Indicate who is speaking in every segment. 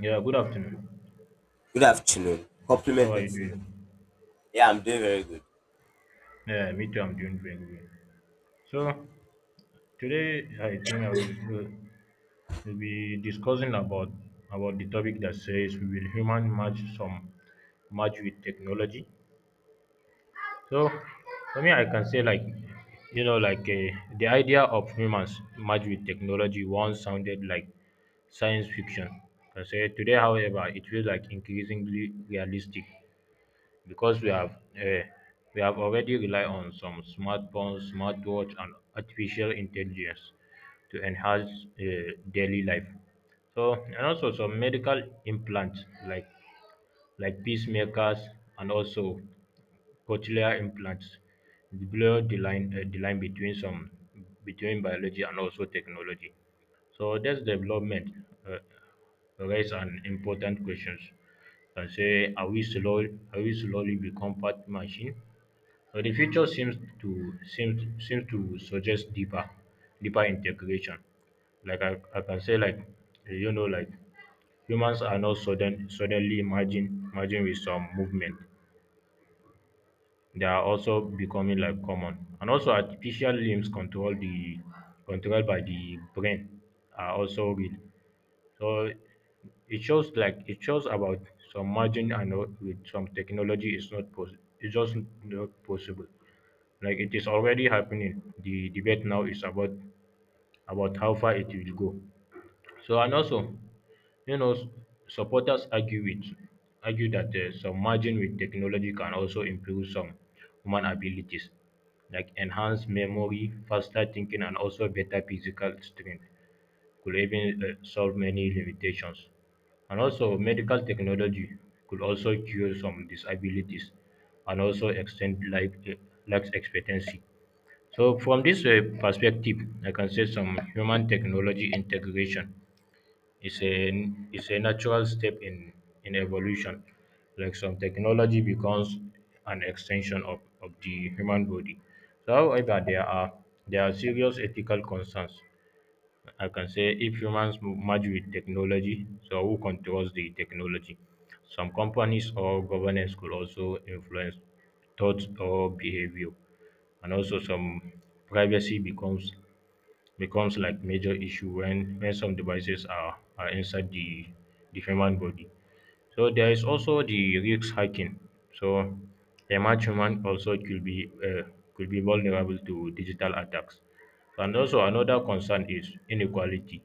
Speaker 1: Yeah, good afternoon.
Speaker 2: Good afternoon.
Speaker 1: How
Speaker 2: Compliment
Speaker 1: are
Speaker 2: of
Speaker 1: you
Speaker 2: season.
Speaker 1: doing?
Speaker 2: Yeah, I'm doing very good.
Speaker 1: Yeah, me too. I'm doing very good. So today, I think I will be discussing about the topic that says will human match some match with technology. So for me, I can say like the idea of humans match with technology once sounded like science fiction. I say today, however, it feels like increasingly realistic, because uh, we have already rely on some smartphones, smartwatch, and artificial intelligence to enhance daily life. So and also some medical implants like pacemakers and also cochlear implants blur the line between some between biology and also technology. So that's development. Uh, Raise an important questions and say are we slowly become part machine? So the future seems to suggest deeper integration. Like I can say like eh, you know like humans are not suddenly merging with some movement. They are also becoming like common. And also artificial limbs controlled by the brain are also real. So it shows about some margin and all with some technology it's just not possible. Like it is already happening. The debate now is about how far it will go. So and also, you know, supporters argue that some margin with technology can also improve some human abilities, like enhanced memory, faster thinking, and also better physical strength could even solve many limitations. And also, medical technology could also cure some disabilities and also extend life expectancy. So, from this perspective, I can say some human technology integration is a natural step in evolution. Like some technology becomes an extension of the human body. So, however, there are serious ethical concerns. I can say if humans merge with technology, so who controls the technology? Some companies or governments could also influence thoughts or behavior, and also some privacy becomes like major issue when some devices are inside the human body. So there is also the risk hacking. So a match human also could be vulnerable to digital attacks. And also another concern is inequality,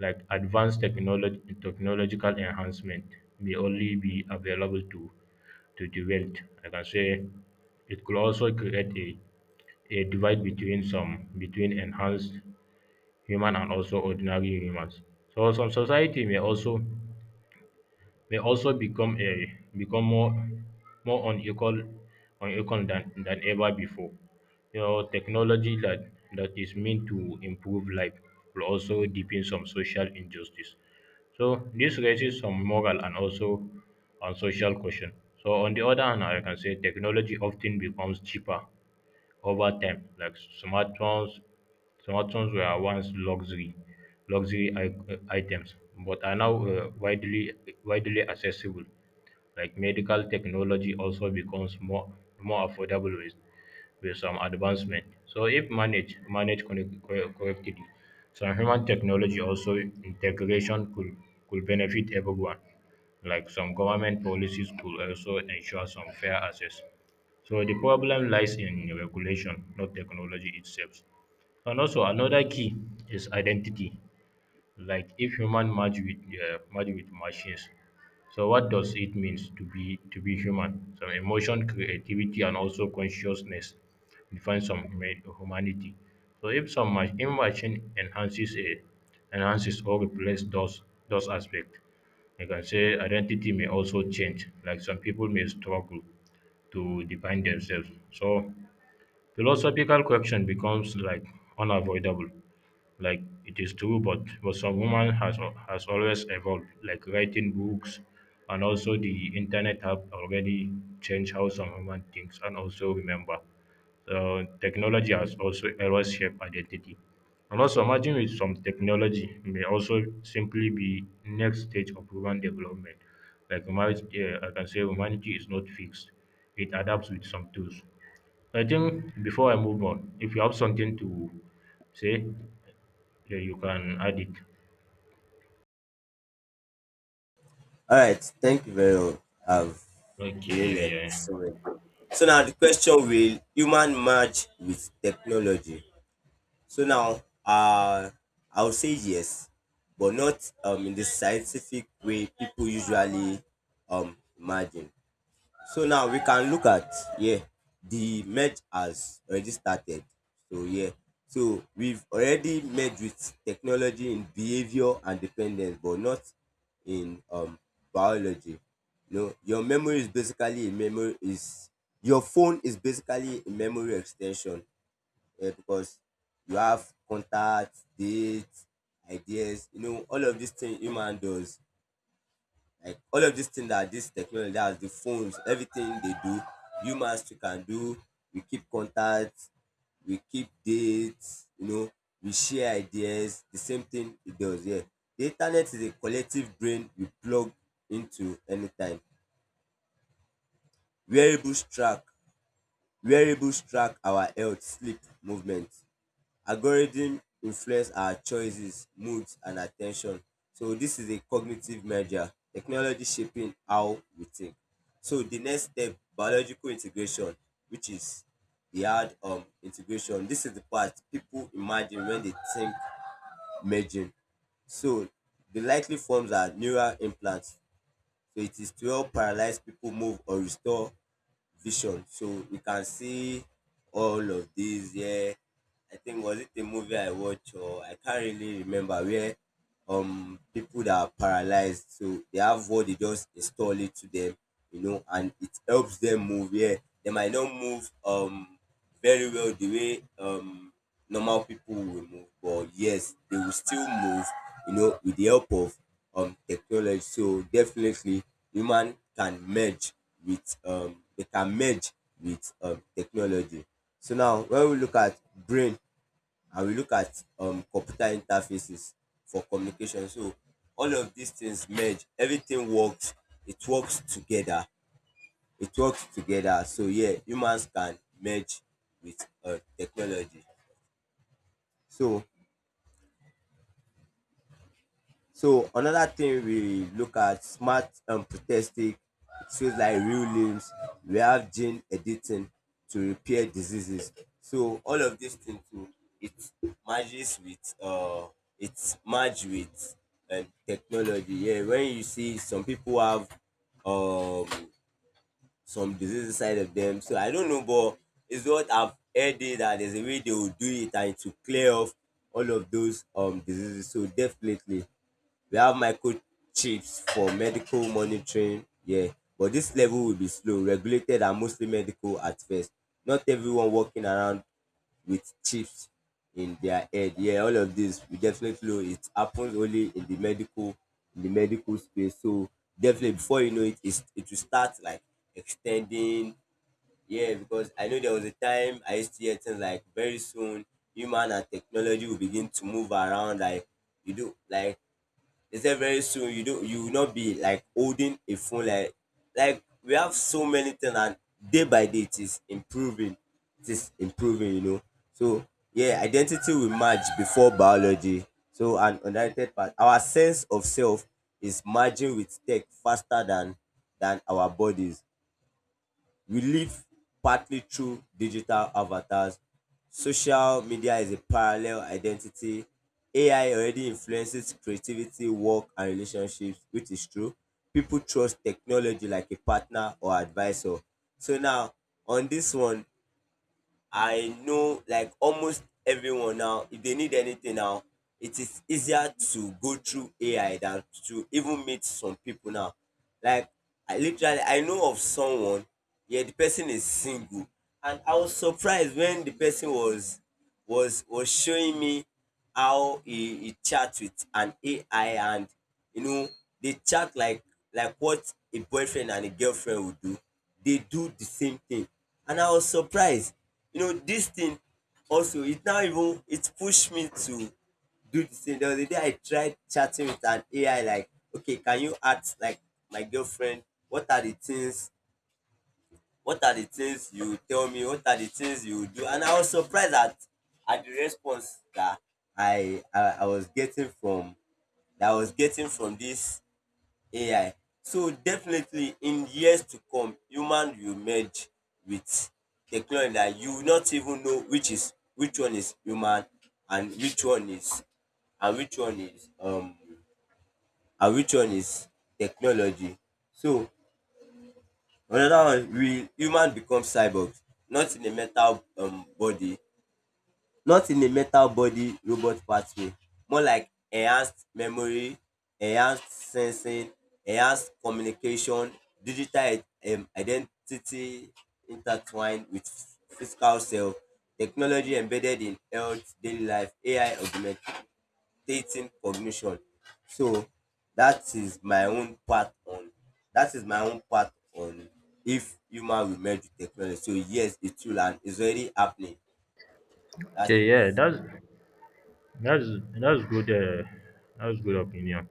Speaker 1: like advanced technology technological enhancement may only be available to the wealth. Like I can say it could also create a divide between enhanced human and also ordinary humans. So some society may also become more unequal unequal than ever before. You know, technology that is meant to improve life will also deepen some social injustice. So this raises some moral and also on social question. So on the other hand, I can say technology often becomes cheaper over time. Like smartphones, smartphones were once luxury items, but are now widely accessible. Like medical technology also becomes more affordable with some advancement. So if correctly, some human technology also integration could benefit everyone. Like some government policies could also ensure some fair access. So the problem lies in regulation, not technology itself. And also another key is identity. Like if human merge with machines, so what does it means to be human? Some emotion, creativity, and also consciousness define some humanity. So if if machine enhances or replace those aspects, you can say identity may also change. Like some people may struggle to define themselves. So philosophical question becomes like unavoidable. Like it is true, but some woman has always evolved, like writing books and also the internet have already changed how some human thinks and also remember. So technology has also always shaped identity, and also imagine with some technology may also simply be next stage of human development. Like humanity, I can say humanity is not fixed. It adapts with some tools. I think before I move on, if you have something to say, yeah, you can add it.
Speaker 2: All right. Thank you very much. I've
Speaker 1: Okay, yeah,
Speaker 2: really learned
Speaker 1: yeah.
Speaker 2: so many things. So now the question, will human merge with technology? So now, I would say yes, but not in the scientific way people usually imagine. So now we can look at, yeah, the merge has already started. So yeah, so we've already merged with technology in behavior and dependence, but not in biology. No, your memory is basically a memory is your phone is basically a memory extension, yeah, because you have contacts, dates, ideas, you know, all of these things human does. Like all of these things that this technology that has the phones, everything they do, humans too can do. We keep contact, we keep dates, you know, we share ideas, the same thing it does, here. Yeah. The internet is a collective brain we plug into anytime. Wearables track wearables track our health, sleep, movement. Algorithm influence our choices, moods, and attention. So this is a cognitive measure. Technology shaping how we think. So the next step, biological integration, which is the hard integration. This is the part people imagine when they think merging. So the likely forms are neural implants. So it is to help paralyze people move or restore vision. So you can see all of these. Yeah, I think, was it a movie I watched or I can't really remember, where people that are paralyzed, so they have what they just install it to them, you know, and it helps them move. Yeah, they might not move very well the way normal people will move, but yes, they will still move, you know, with the help of technology. So definitely human can merge with technology. So now when we look at brain and we look at computer interfaces for communication. So all of these things merge. Everything works. It works together. It works together. So yeah, humans can merge with technology. So another thing, we look at smart and protestic tools like real limbs. We have gene editing to repair diseases. So all of these things too, it merges with it's merged with technology. Yeah, when you see some people have um some disease inside of them. So I don't know, but it's what I've heard it, that there's a way they will do it and to clear off all of those diseases. So definitely we have microchips for medical monitoring, yeah, but this level will be slow, regulated, and mostly medical at first. Not everyone walking around with chips in their head. Yeah, all of this we definitely know it happens only in the medical space. So definitely before you know it, it will start like extending. Yeah, because I know there was a time I used to hear things like, very soon human and technology will begin to move around like you do. Like they said, very soon you do, you will not be like holding a phone, like we have so many things. And day by day it is improving, you know. So yeah, identity will merge before biology. So an unrelated part, our sense of self is merging with tech faster than our bodies. We live partly through digital avatars. Social media is a parallel identity. AI already influences creativity, work, and relationships, which is true. People trust technology like a partner or advisor. So now, on this one, I know like almost everyone now, if they need anything now, it is easier to go through AI than to even meet some people now. Like, I literally, I know of someone, yeah, the person is single. And I was surprised when the person was showing me how he chat with an AI, and you know they chat like what a boyfriend and a girlfriend would do. They do the same thing. And I was surprised. You know, this thing also, it now even it pushed me to do the same. There was a day I tried chatting with an AI like, okay, can you act like my girlfriend? What are the things what are the things you tell me, what are the things you do? And I was surprised at the response that I was getting from that I was getting from this AI. So definitely in years to come, human will merge with technology that you will not even know which is, which one is human, and which one is, and which one is um and which one is technology. So another one, will human become cyborgs? Not in a metal body, not in a metal body robot pathway, more like enhanced memory, enhanced sensing, enhanced communication, digital i- identity intertwined with physical self, technology embedded in health, daily life, AI augmented stating cognition. So that is my own part on that is my own part on if human will merge with technology. So yes, it will, and it's already happening. So that
Speaker 1: Okay, yeah,
Speaker 2: is,
Speaker 1: that's that's good that's good opinion.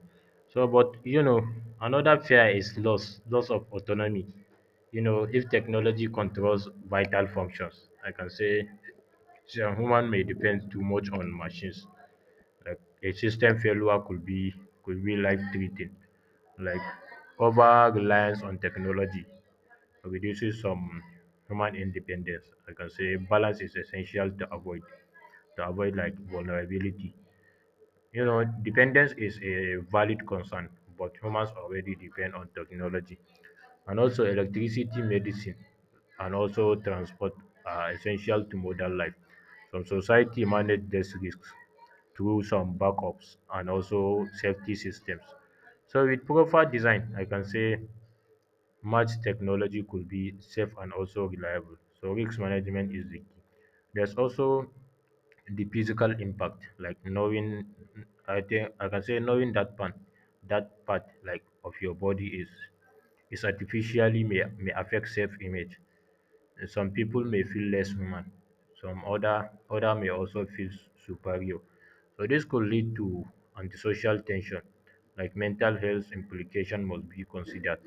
Speaker 1: So but you know, another fear is loss of autonomy. You know, if technology controls vital functions, I can say say a human may depend too much on machines. Like a system failure could be life threatening. Like over reliance on technology reduces some human independence. I can say balance is essential to avoid like vulnerability. You know, dependence is a valid concern, but humans already depend on technology. And also, electricity, medicine, and also transport are essential to modern life. Some society manage these risks through some backups and also safety systems. So, with proper design, I can say much technology could be safe and also reliable. So, risk management is the key. There's also the physical impact, like knowing I think I can say knowing that part like of your body is artificially, may affect self image. Some people may feel less human, some other may also feel superior. So this could lead to antisocial tension. Like mental health implication must be considered.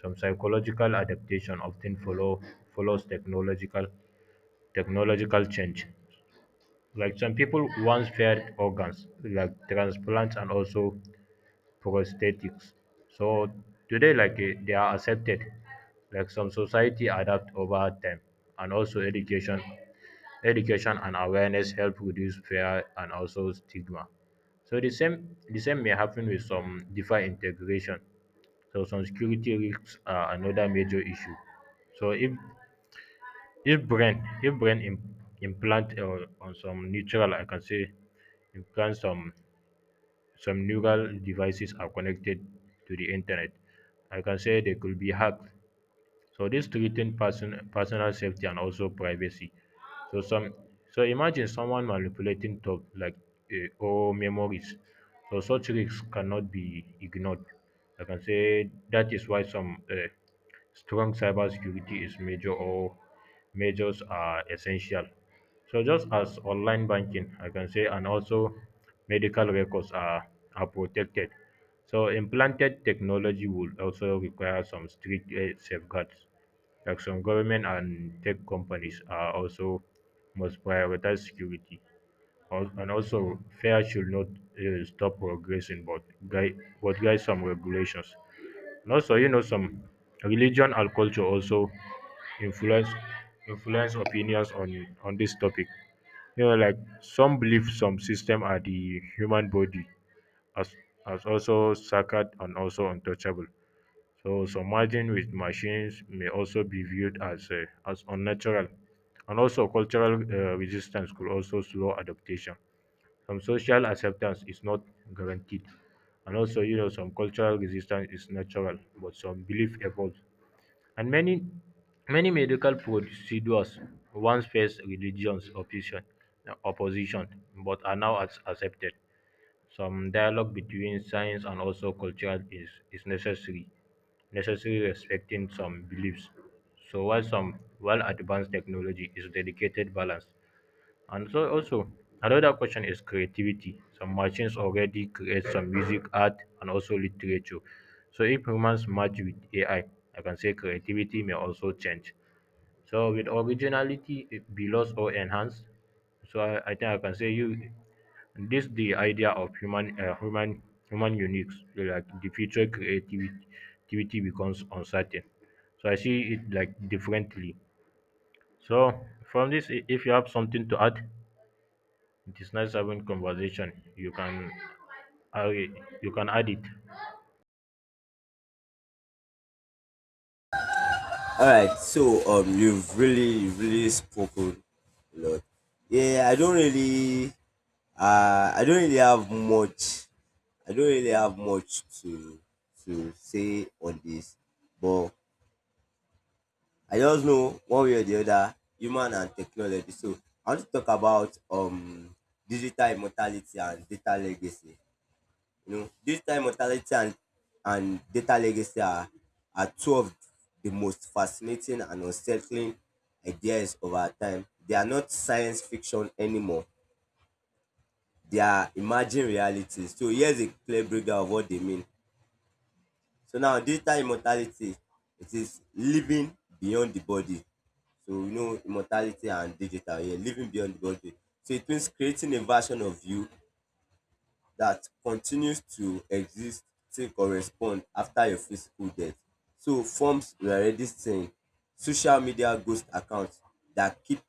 Speaker 1: Some psychological adaptation often follows technological change. Like some people once feared organs, like transplants and also prosthetics. So today, they are accepted. Like some society adapt over time, and also education and awareness help reduce fear and also stigma. So the same may happen with some DeFi integration. So some security risks are another major issue. So if brain im implant or on some neutral, I can say implant, some neural devices are connected to the internet. I can say they could be hacked. So this threaten personal safety and also privacy. So some so imagine someone manipulating talk, like or memories. So such risks cannot be ignored. I can say that is why some strong cybersecurity is major or measures are essential. So just as online banking, I can say, and also medical are protected. So implanted technology would also require some strict safeguards. Like some government and tech companies are also must prioritize security. And also, fair should not stop progressing, but but guide some regulations. And also, you know, some religion and culture also influence influence opinions on this topic. You know, like some believe some system are the human body as as also sacred and also untouchable. So submerging with machines may also be viewed as unnatural, and also cultural resistance could also slow adaptation. Some social acceptance is not guaranteed. And also you know some cultural resistance is natural, but some belief evolves. And many medical procedures once faced religious opposition, but are now accepted. Some dialogue between science and also culture is necessary, respecting some beliefs. So while some while advanced technology is dedicated balance. And so also another question is creativity. Some machines already create some music, art, and also literature. So if humans merge with AI, I can say creativity may also change. So with originality it be lost or enhanced. So I think I can say you this the idea of human uniques, like the future creativity activity becomes uncertain. So I see it like differently. So from this if you have something to add, it is nice having conversation. You can add you can add it.
Speaker 2: all right. So you've really spoken a lot. Yeah, I don't really have much. I don't really have much to say on this, but I just know, one way or the other, human and technology. So I want to talk about digital immortality and data legacy. You know, digital immortality and data legacy are two of the most fascinating and unsettling ideas of our time. They are not science fiction anymore. They are imagined realities. So here's a clear breakdown of what they mean. So now, digital immortality, it is living beyond the body. So we know immortality and digital, yeah, living beyond the body. So it means creating a version of you that continues to exist, to correspond after your physical death. So forms we are already seeing, social media ghost accounts that keep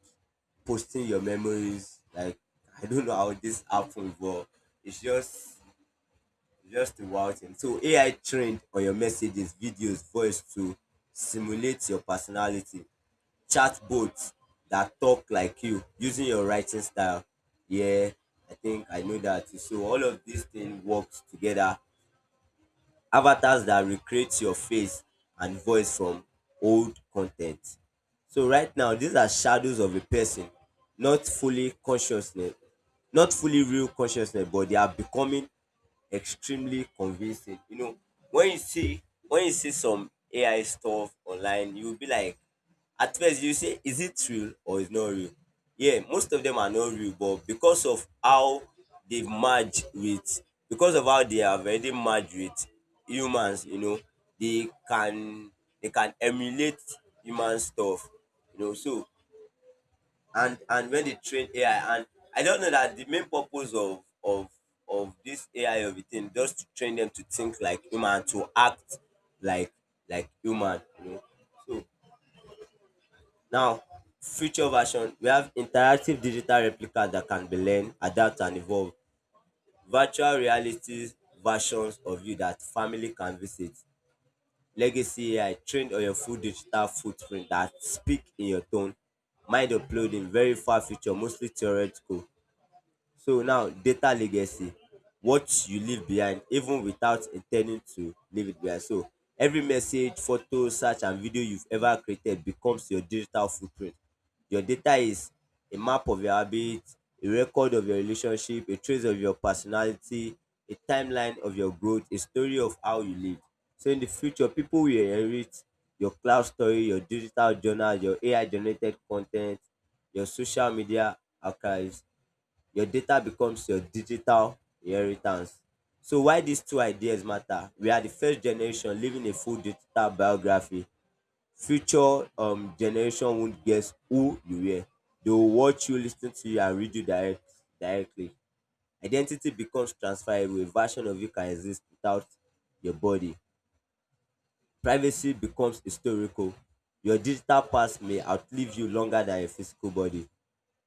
Speaker 2: posting your memories. Like, I don't know how this happened, but it's just a wild thing. So AI trained on your messages, videos, voice to simulate your personality. Chatbots that talk like you using your writing style. Yeah, I think I know that. So all of these things works together. Avatars that recreate your face and voice from old content. So right now, these are shadows of a person, not fully consciousness, not fully real consciousness, but they are becoming extremely convincing. You know, when you see when you see some AI stuff online, you'll be like, at first you say, is it real or is not real? Yeah, most of them are not real, but they merge with because of how they have already merged with humans, you know, they can they can emulate human stuff. You know, so and when they train AI, and I don't know that the main purpose of this AI of a thing just to train them to think like human, to act like like human, you know. So now, future version, we have interactive digital replica that can be learned, adapt, and evolve. Virtual reality versions of you that family can visit. Legacy AI trained on your full digital footprint that speak in your tone. Mind uploading, very far future, mostly theoretical. So now, data legacy, what you leave behind even without intending to leave it behind. So every message, photo, search, and video you've ever created becomes your digital footprint. Your data is a map of your habits, a record of your relationship, a trace of your personality, a timeline of your growth, a story of how you live. So in the future, people will inherit your cloud story, your digital journal, your AI generated content, your social media archives. Your data becomes your digital inheritance. So why these two ideas matter? We are the first generation living a full digital biography. Future generation won't guess who you were. They will watch you, listen to you, and read you directly. Identity becomes transferable. A version of you can exist without your body. Privacy becomes historical. Your digital past may outlive you longer than your physical body.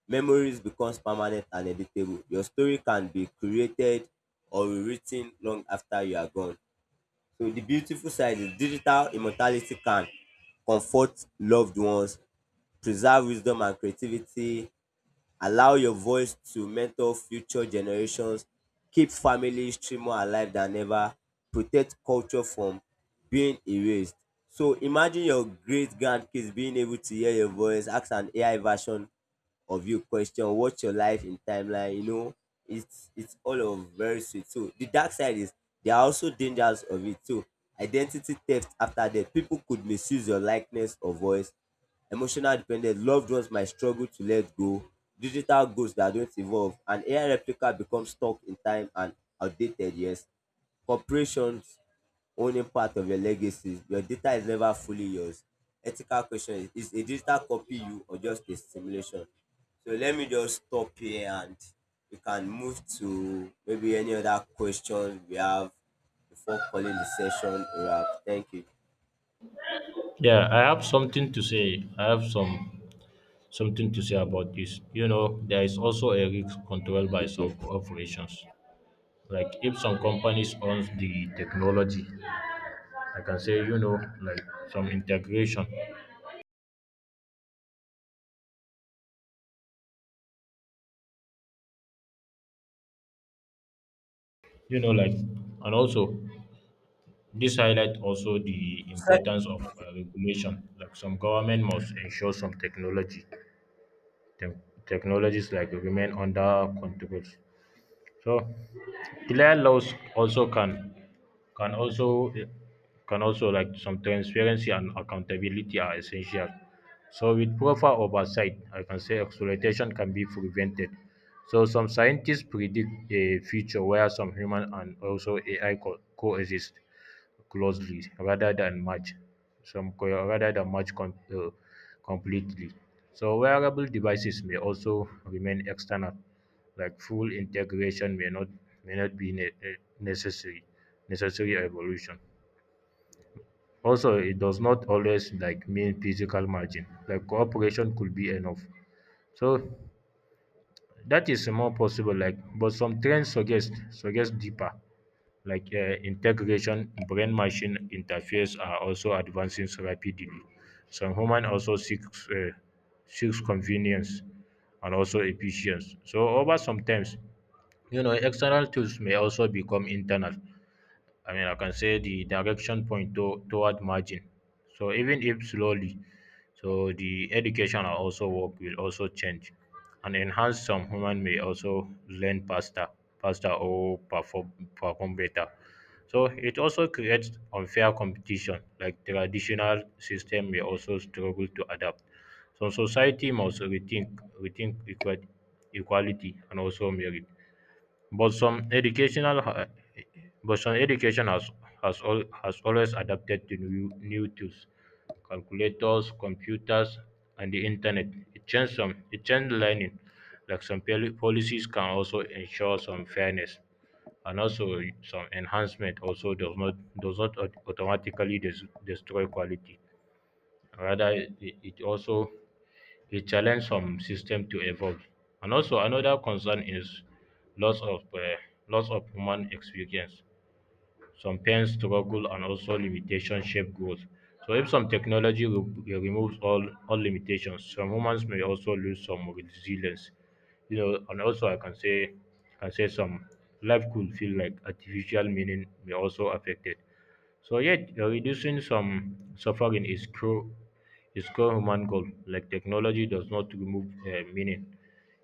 Speaker 2: Memories becomes permanent and editable. Your story can be created or rewritten long after you are gone. So the beautiful side is, digital immortality can comfort loved ones, preserve wisdom and creativity, allow your voice to mentor future generations. Keep family history more alive than ever. Protect culture from being erased. So imagine your great grandkids being able to hear your voice, ask an AI version of you question, watch your life in timeline, you know. It's all of very sweet. So the dark side is, there are also dangers of it too. Identity theft after death. People could misuse your likeness or voice, emotional dependence, loved ones might struggle to let go, digital goals that don't evolve, and AI replica becomes stuck in time and outdated. Yes, corporations owning part of your legacy, your data is never fully yours. Ethical question is a digital copy you or just a simulation? So let me just stop here and we can move to maybe any other questions we have before calling the session a wrap. Thank you.
Speaker 1: Yeah, I have something to say. I have something to say about this. You know, there is also a risk controlled by some
Speaker 2: Okay.
Speaker 1: corporations. Like if some companies owns the technology, I can say you know like some integration. You know like and also this highlight also the
Speaker 2: So,
Speaker 1: importance of regulation. Like some government must ensure some tech- technologies like remain under control. So clear laws also can also can also like some transparency and accountability are essential. So with proper oversight, I can say exploitation can be prevented. So some scientists predict a future where some human and also AI coexist closely rather than match some co- rather than match com- completely. So wearable devices may also remain external, like full integration may not be necessary evolution. Also, it does not always like mean physical margin. Like cooperation could be enough. So that is more possible. Like, but some trends suggest deeper integration. Brain machine interface are also advancing rapidly. Some human also seeks convenience and also efficiency. So over sometimes, you know, external tools may also become internal. I mean, I can say the direction point toward margin. So even if slowly, so the education and also work will also change and enhance some human may also learn faster, faster or perform better. So it also creates unfair competition, like traditional system may also struggle to adapt. So society must rethink equality and also merit. But some educational ha- but some education has always adapted to new tools, calculators, computers, and the internet. It changed learning. Like some policies can also ensure some fairness, and also some enhancement also does not au- automatically des- destroy quality. Rather, it also e challenge some system to evolve. And also another concern is loss of um loss of human experience, some pain, struggle, and also limitation shape growth. So, if some technology removes all limitations, some humans may also lose some resilience. You know, and also I can say some life could feel like artificial meaning may also affect it. So, yet reducing some suffering is core human goal. Like technology does not remove meaning;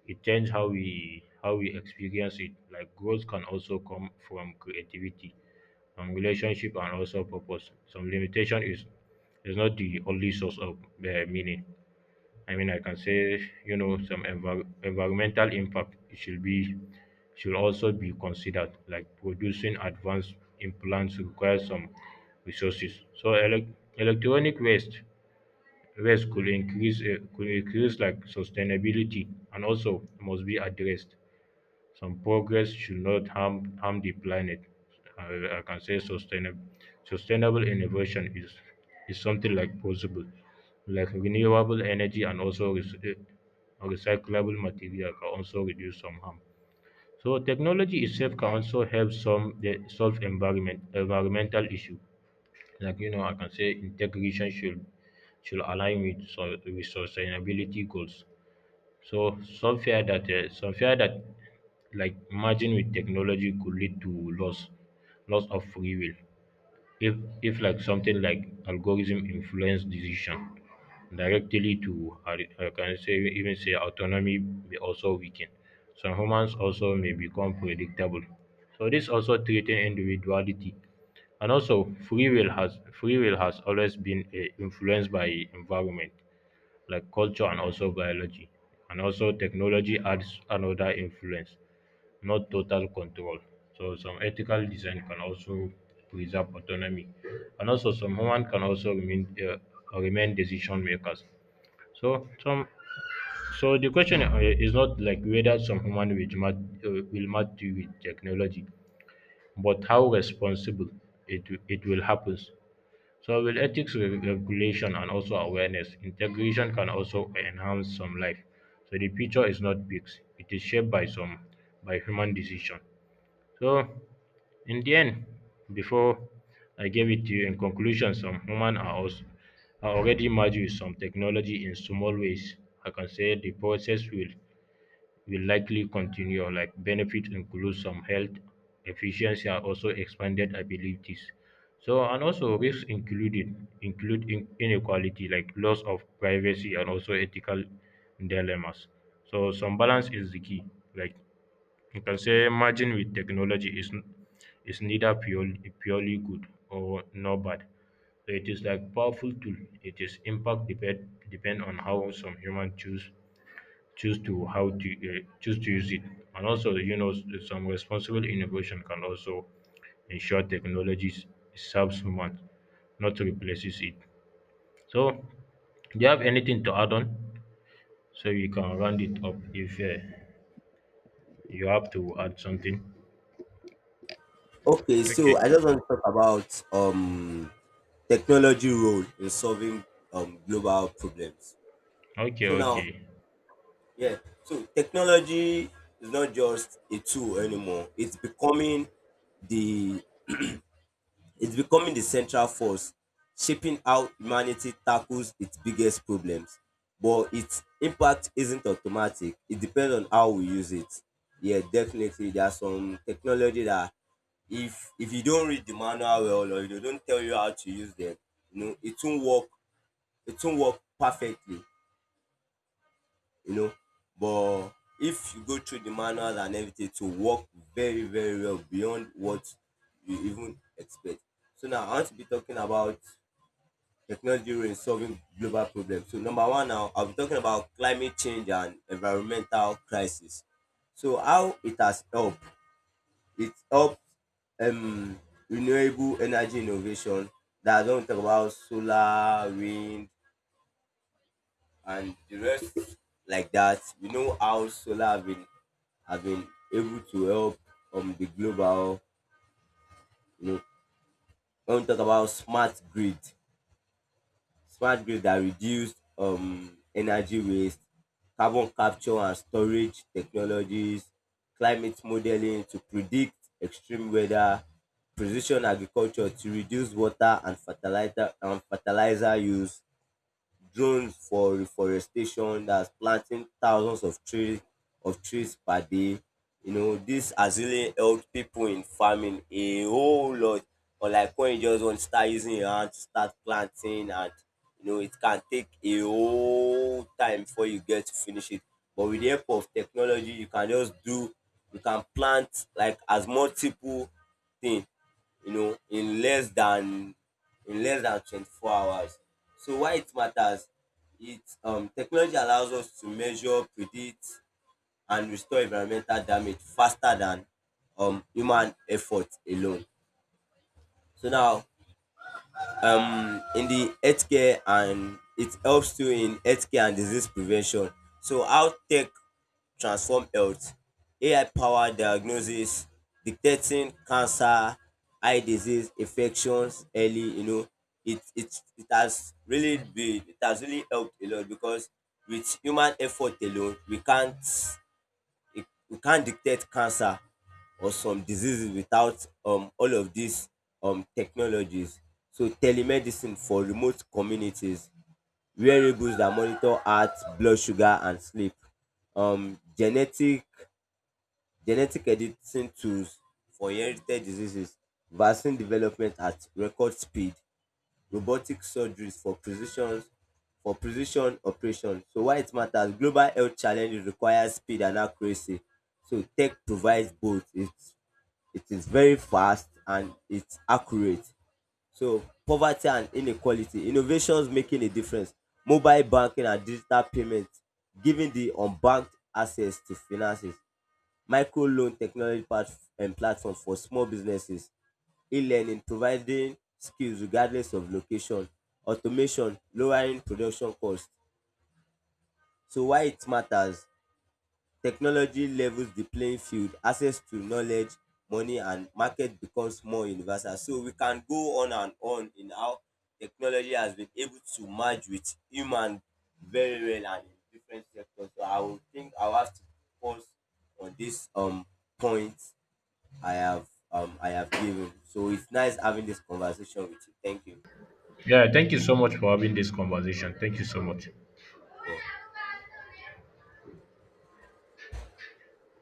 Speaker 1: it changes how we experience it. Like growth can also come from creativity, relationship and also purpose. Some limitation is not the only source of meaning. I mean, I can say you know some environmental impact should also be considered. Like producing advanced implants requires some resources. So electronic waste could increase like sustainability and also must be addressed. Some progress should not harm the planet. I can say sustainable innovation is something like possible, like renewable energy and also recyclable material can also reduce some harm. So technology itself can also help some the solve environmental issue. Like you know, I can say integration should align with so, with sustainability goals. So some fear that like merging with technology could lead to loss of free will. If if like something like algorithm influence decision directly to I can say even say autonomy may also weaken. Some humans also may become predictable. So this also threaten individuality and also free will has always been influenced by environment like culture and also biology, and also technology adds another influence, not total control. So some ethical design can also preserve autonomy, and also some human can also remain remain decision makers. So some so the question is not like whether some human will match with technology, but how responsible it, it will happen. So, with ethics regulation and also awareness, integration can also enhance some life. So, the future is not fixed; it is shaped by some by human decision. So, in the end, before I gave it to you, in conclusion, some humans are also are already merged with some technology in small ways. I can say the process will likely continue. Like benefits include some health, efficiency and also expanded abilities. So and also risks included include inequality, like loss of privacy and also ethical dilemmas. So some balance is the key. Like you can say merging with technology is neither purely good or nor bad. So it is like powerful tool. It is impact depend on how some human choose choose to how to choose to use it, and also you know some responsible innovation can also ensure technologies serves human, not replaces it. So do you have anything to add on, so you can round it up if you have to add something.
Speaker 2: Okay, so
Speaker 1: Okay,
Speaker 2: I just want to talk about technology role in solving global problems.
Speaker 1: okay,
Speaker 2: So now,
Speaker 1: okay.
Speaker 2: yeah, so technology is not just a tool anymore. The it's becoming the central force shaping how humanity tackles its biggest problems, but its impact isn't automatic. It depends on how we use it. Yeah, definitely. There are some technology that if you don't read the manual well or if they don't tell you how to use them, you know, it won't work. It won't work perfectly, you know. But if you go through the manual and everything, it will work very, very well beyond what you even expect. So now I want to be talking about technology role in solving global problems. So number one now, I'll be talking about climate change and environmental crisis. So how it has helped, it helped um, renewable energy innovation. That's when we talk about solar, wind, and the rest like that. We know how solar have been able to help the global. You know, when we talk about smart grid. Smart grids that reduce energy waste, carbon capture and storage technologies, climate modeling to predict extreme weather, precision agriculture to reduce water and fertilizer use, drones for reforestation, that's planting thousands of trees per day. You know, this has really helped people in farming a whole lot, unlike when you just want to start using your hand to start planting and, you know, it can take a whole time before you get to finish it. But with the help of technology, you can just do, you can plant like as multiple things, you know, in less than 24 hours. So why it matters, it technology allows us to measure, predict and restore environmental damage faster than human effort alone. So now, um, in the healthcare, and it helps too in healthcare and disease prevention. So how tech transform health. AI-powered diagnosis, detecting cancer, eye disease, infections early, you know, it has really helped a lot because with human effort alone, we can't detect cancer or some diseases without all of these technologies. So telemedicine for remote communities, wearables that monitor heart, blood sugar and sleep, um, genetic editing tools for inherited diseases, vaccine development at record speed, robotic surgeries for precision, for precision operations. So why it matters, global health challenges require speed and accuracy, so tech provides both. It is very fast and it's accurate. So poverty and inequality, innovations making a difference, mobile banking and digital payment, giving the unbanked access to finances, micro loan technology pat platform for small businesses, e-learning providing skills regardless of location, automation lowering production cost. So why it matters? Technology levels the playing field, access to knowledge, money, and market becomes more universal. So we can go on and on in how technology has been able to merge with human very well and in different sectors. So I would think I'll have to pause on this point I have given. So it's nice having this conversation with you. Thank you.
Speaker 1: Yeah, thank you so much for having this conversation, thank you so much.
Speaker 2: Yeah.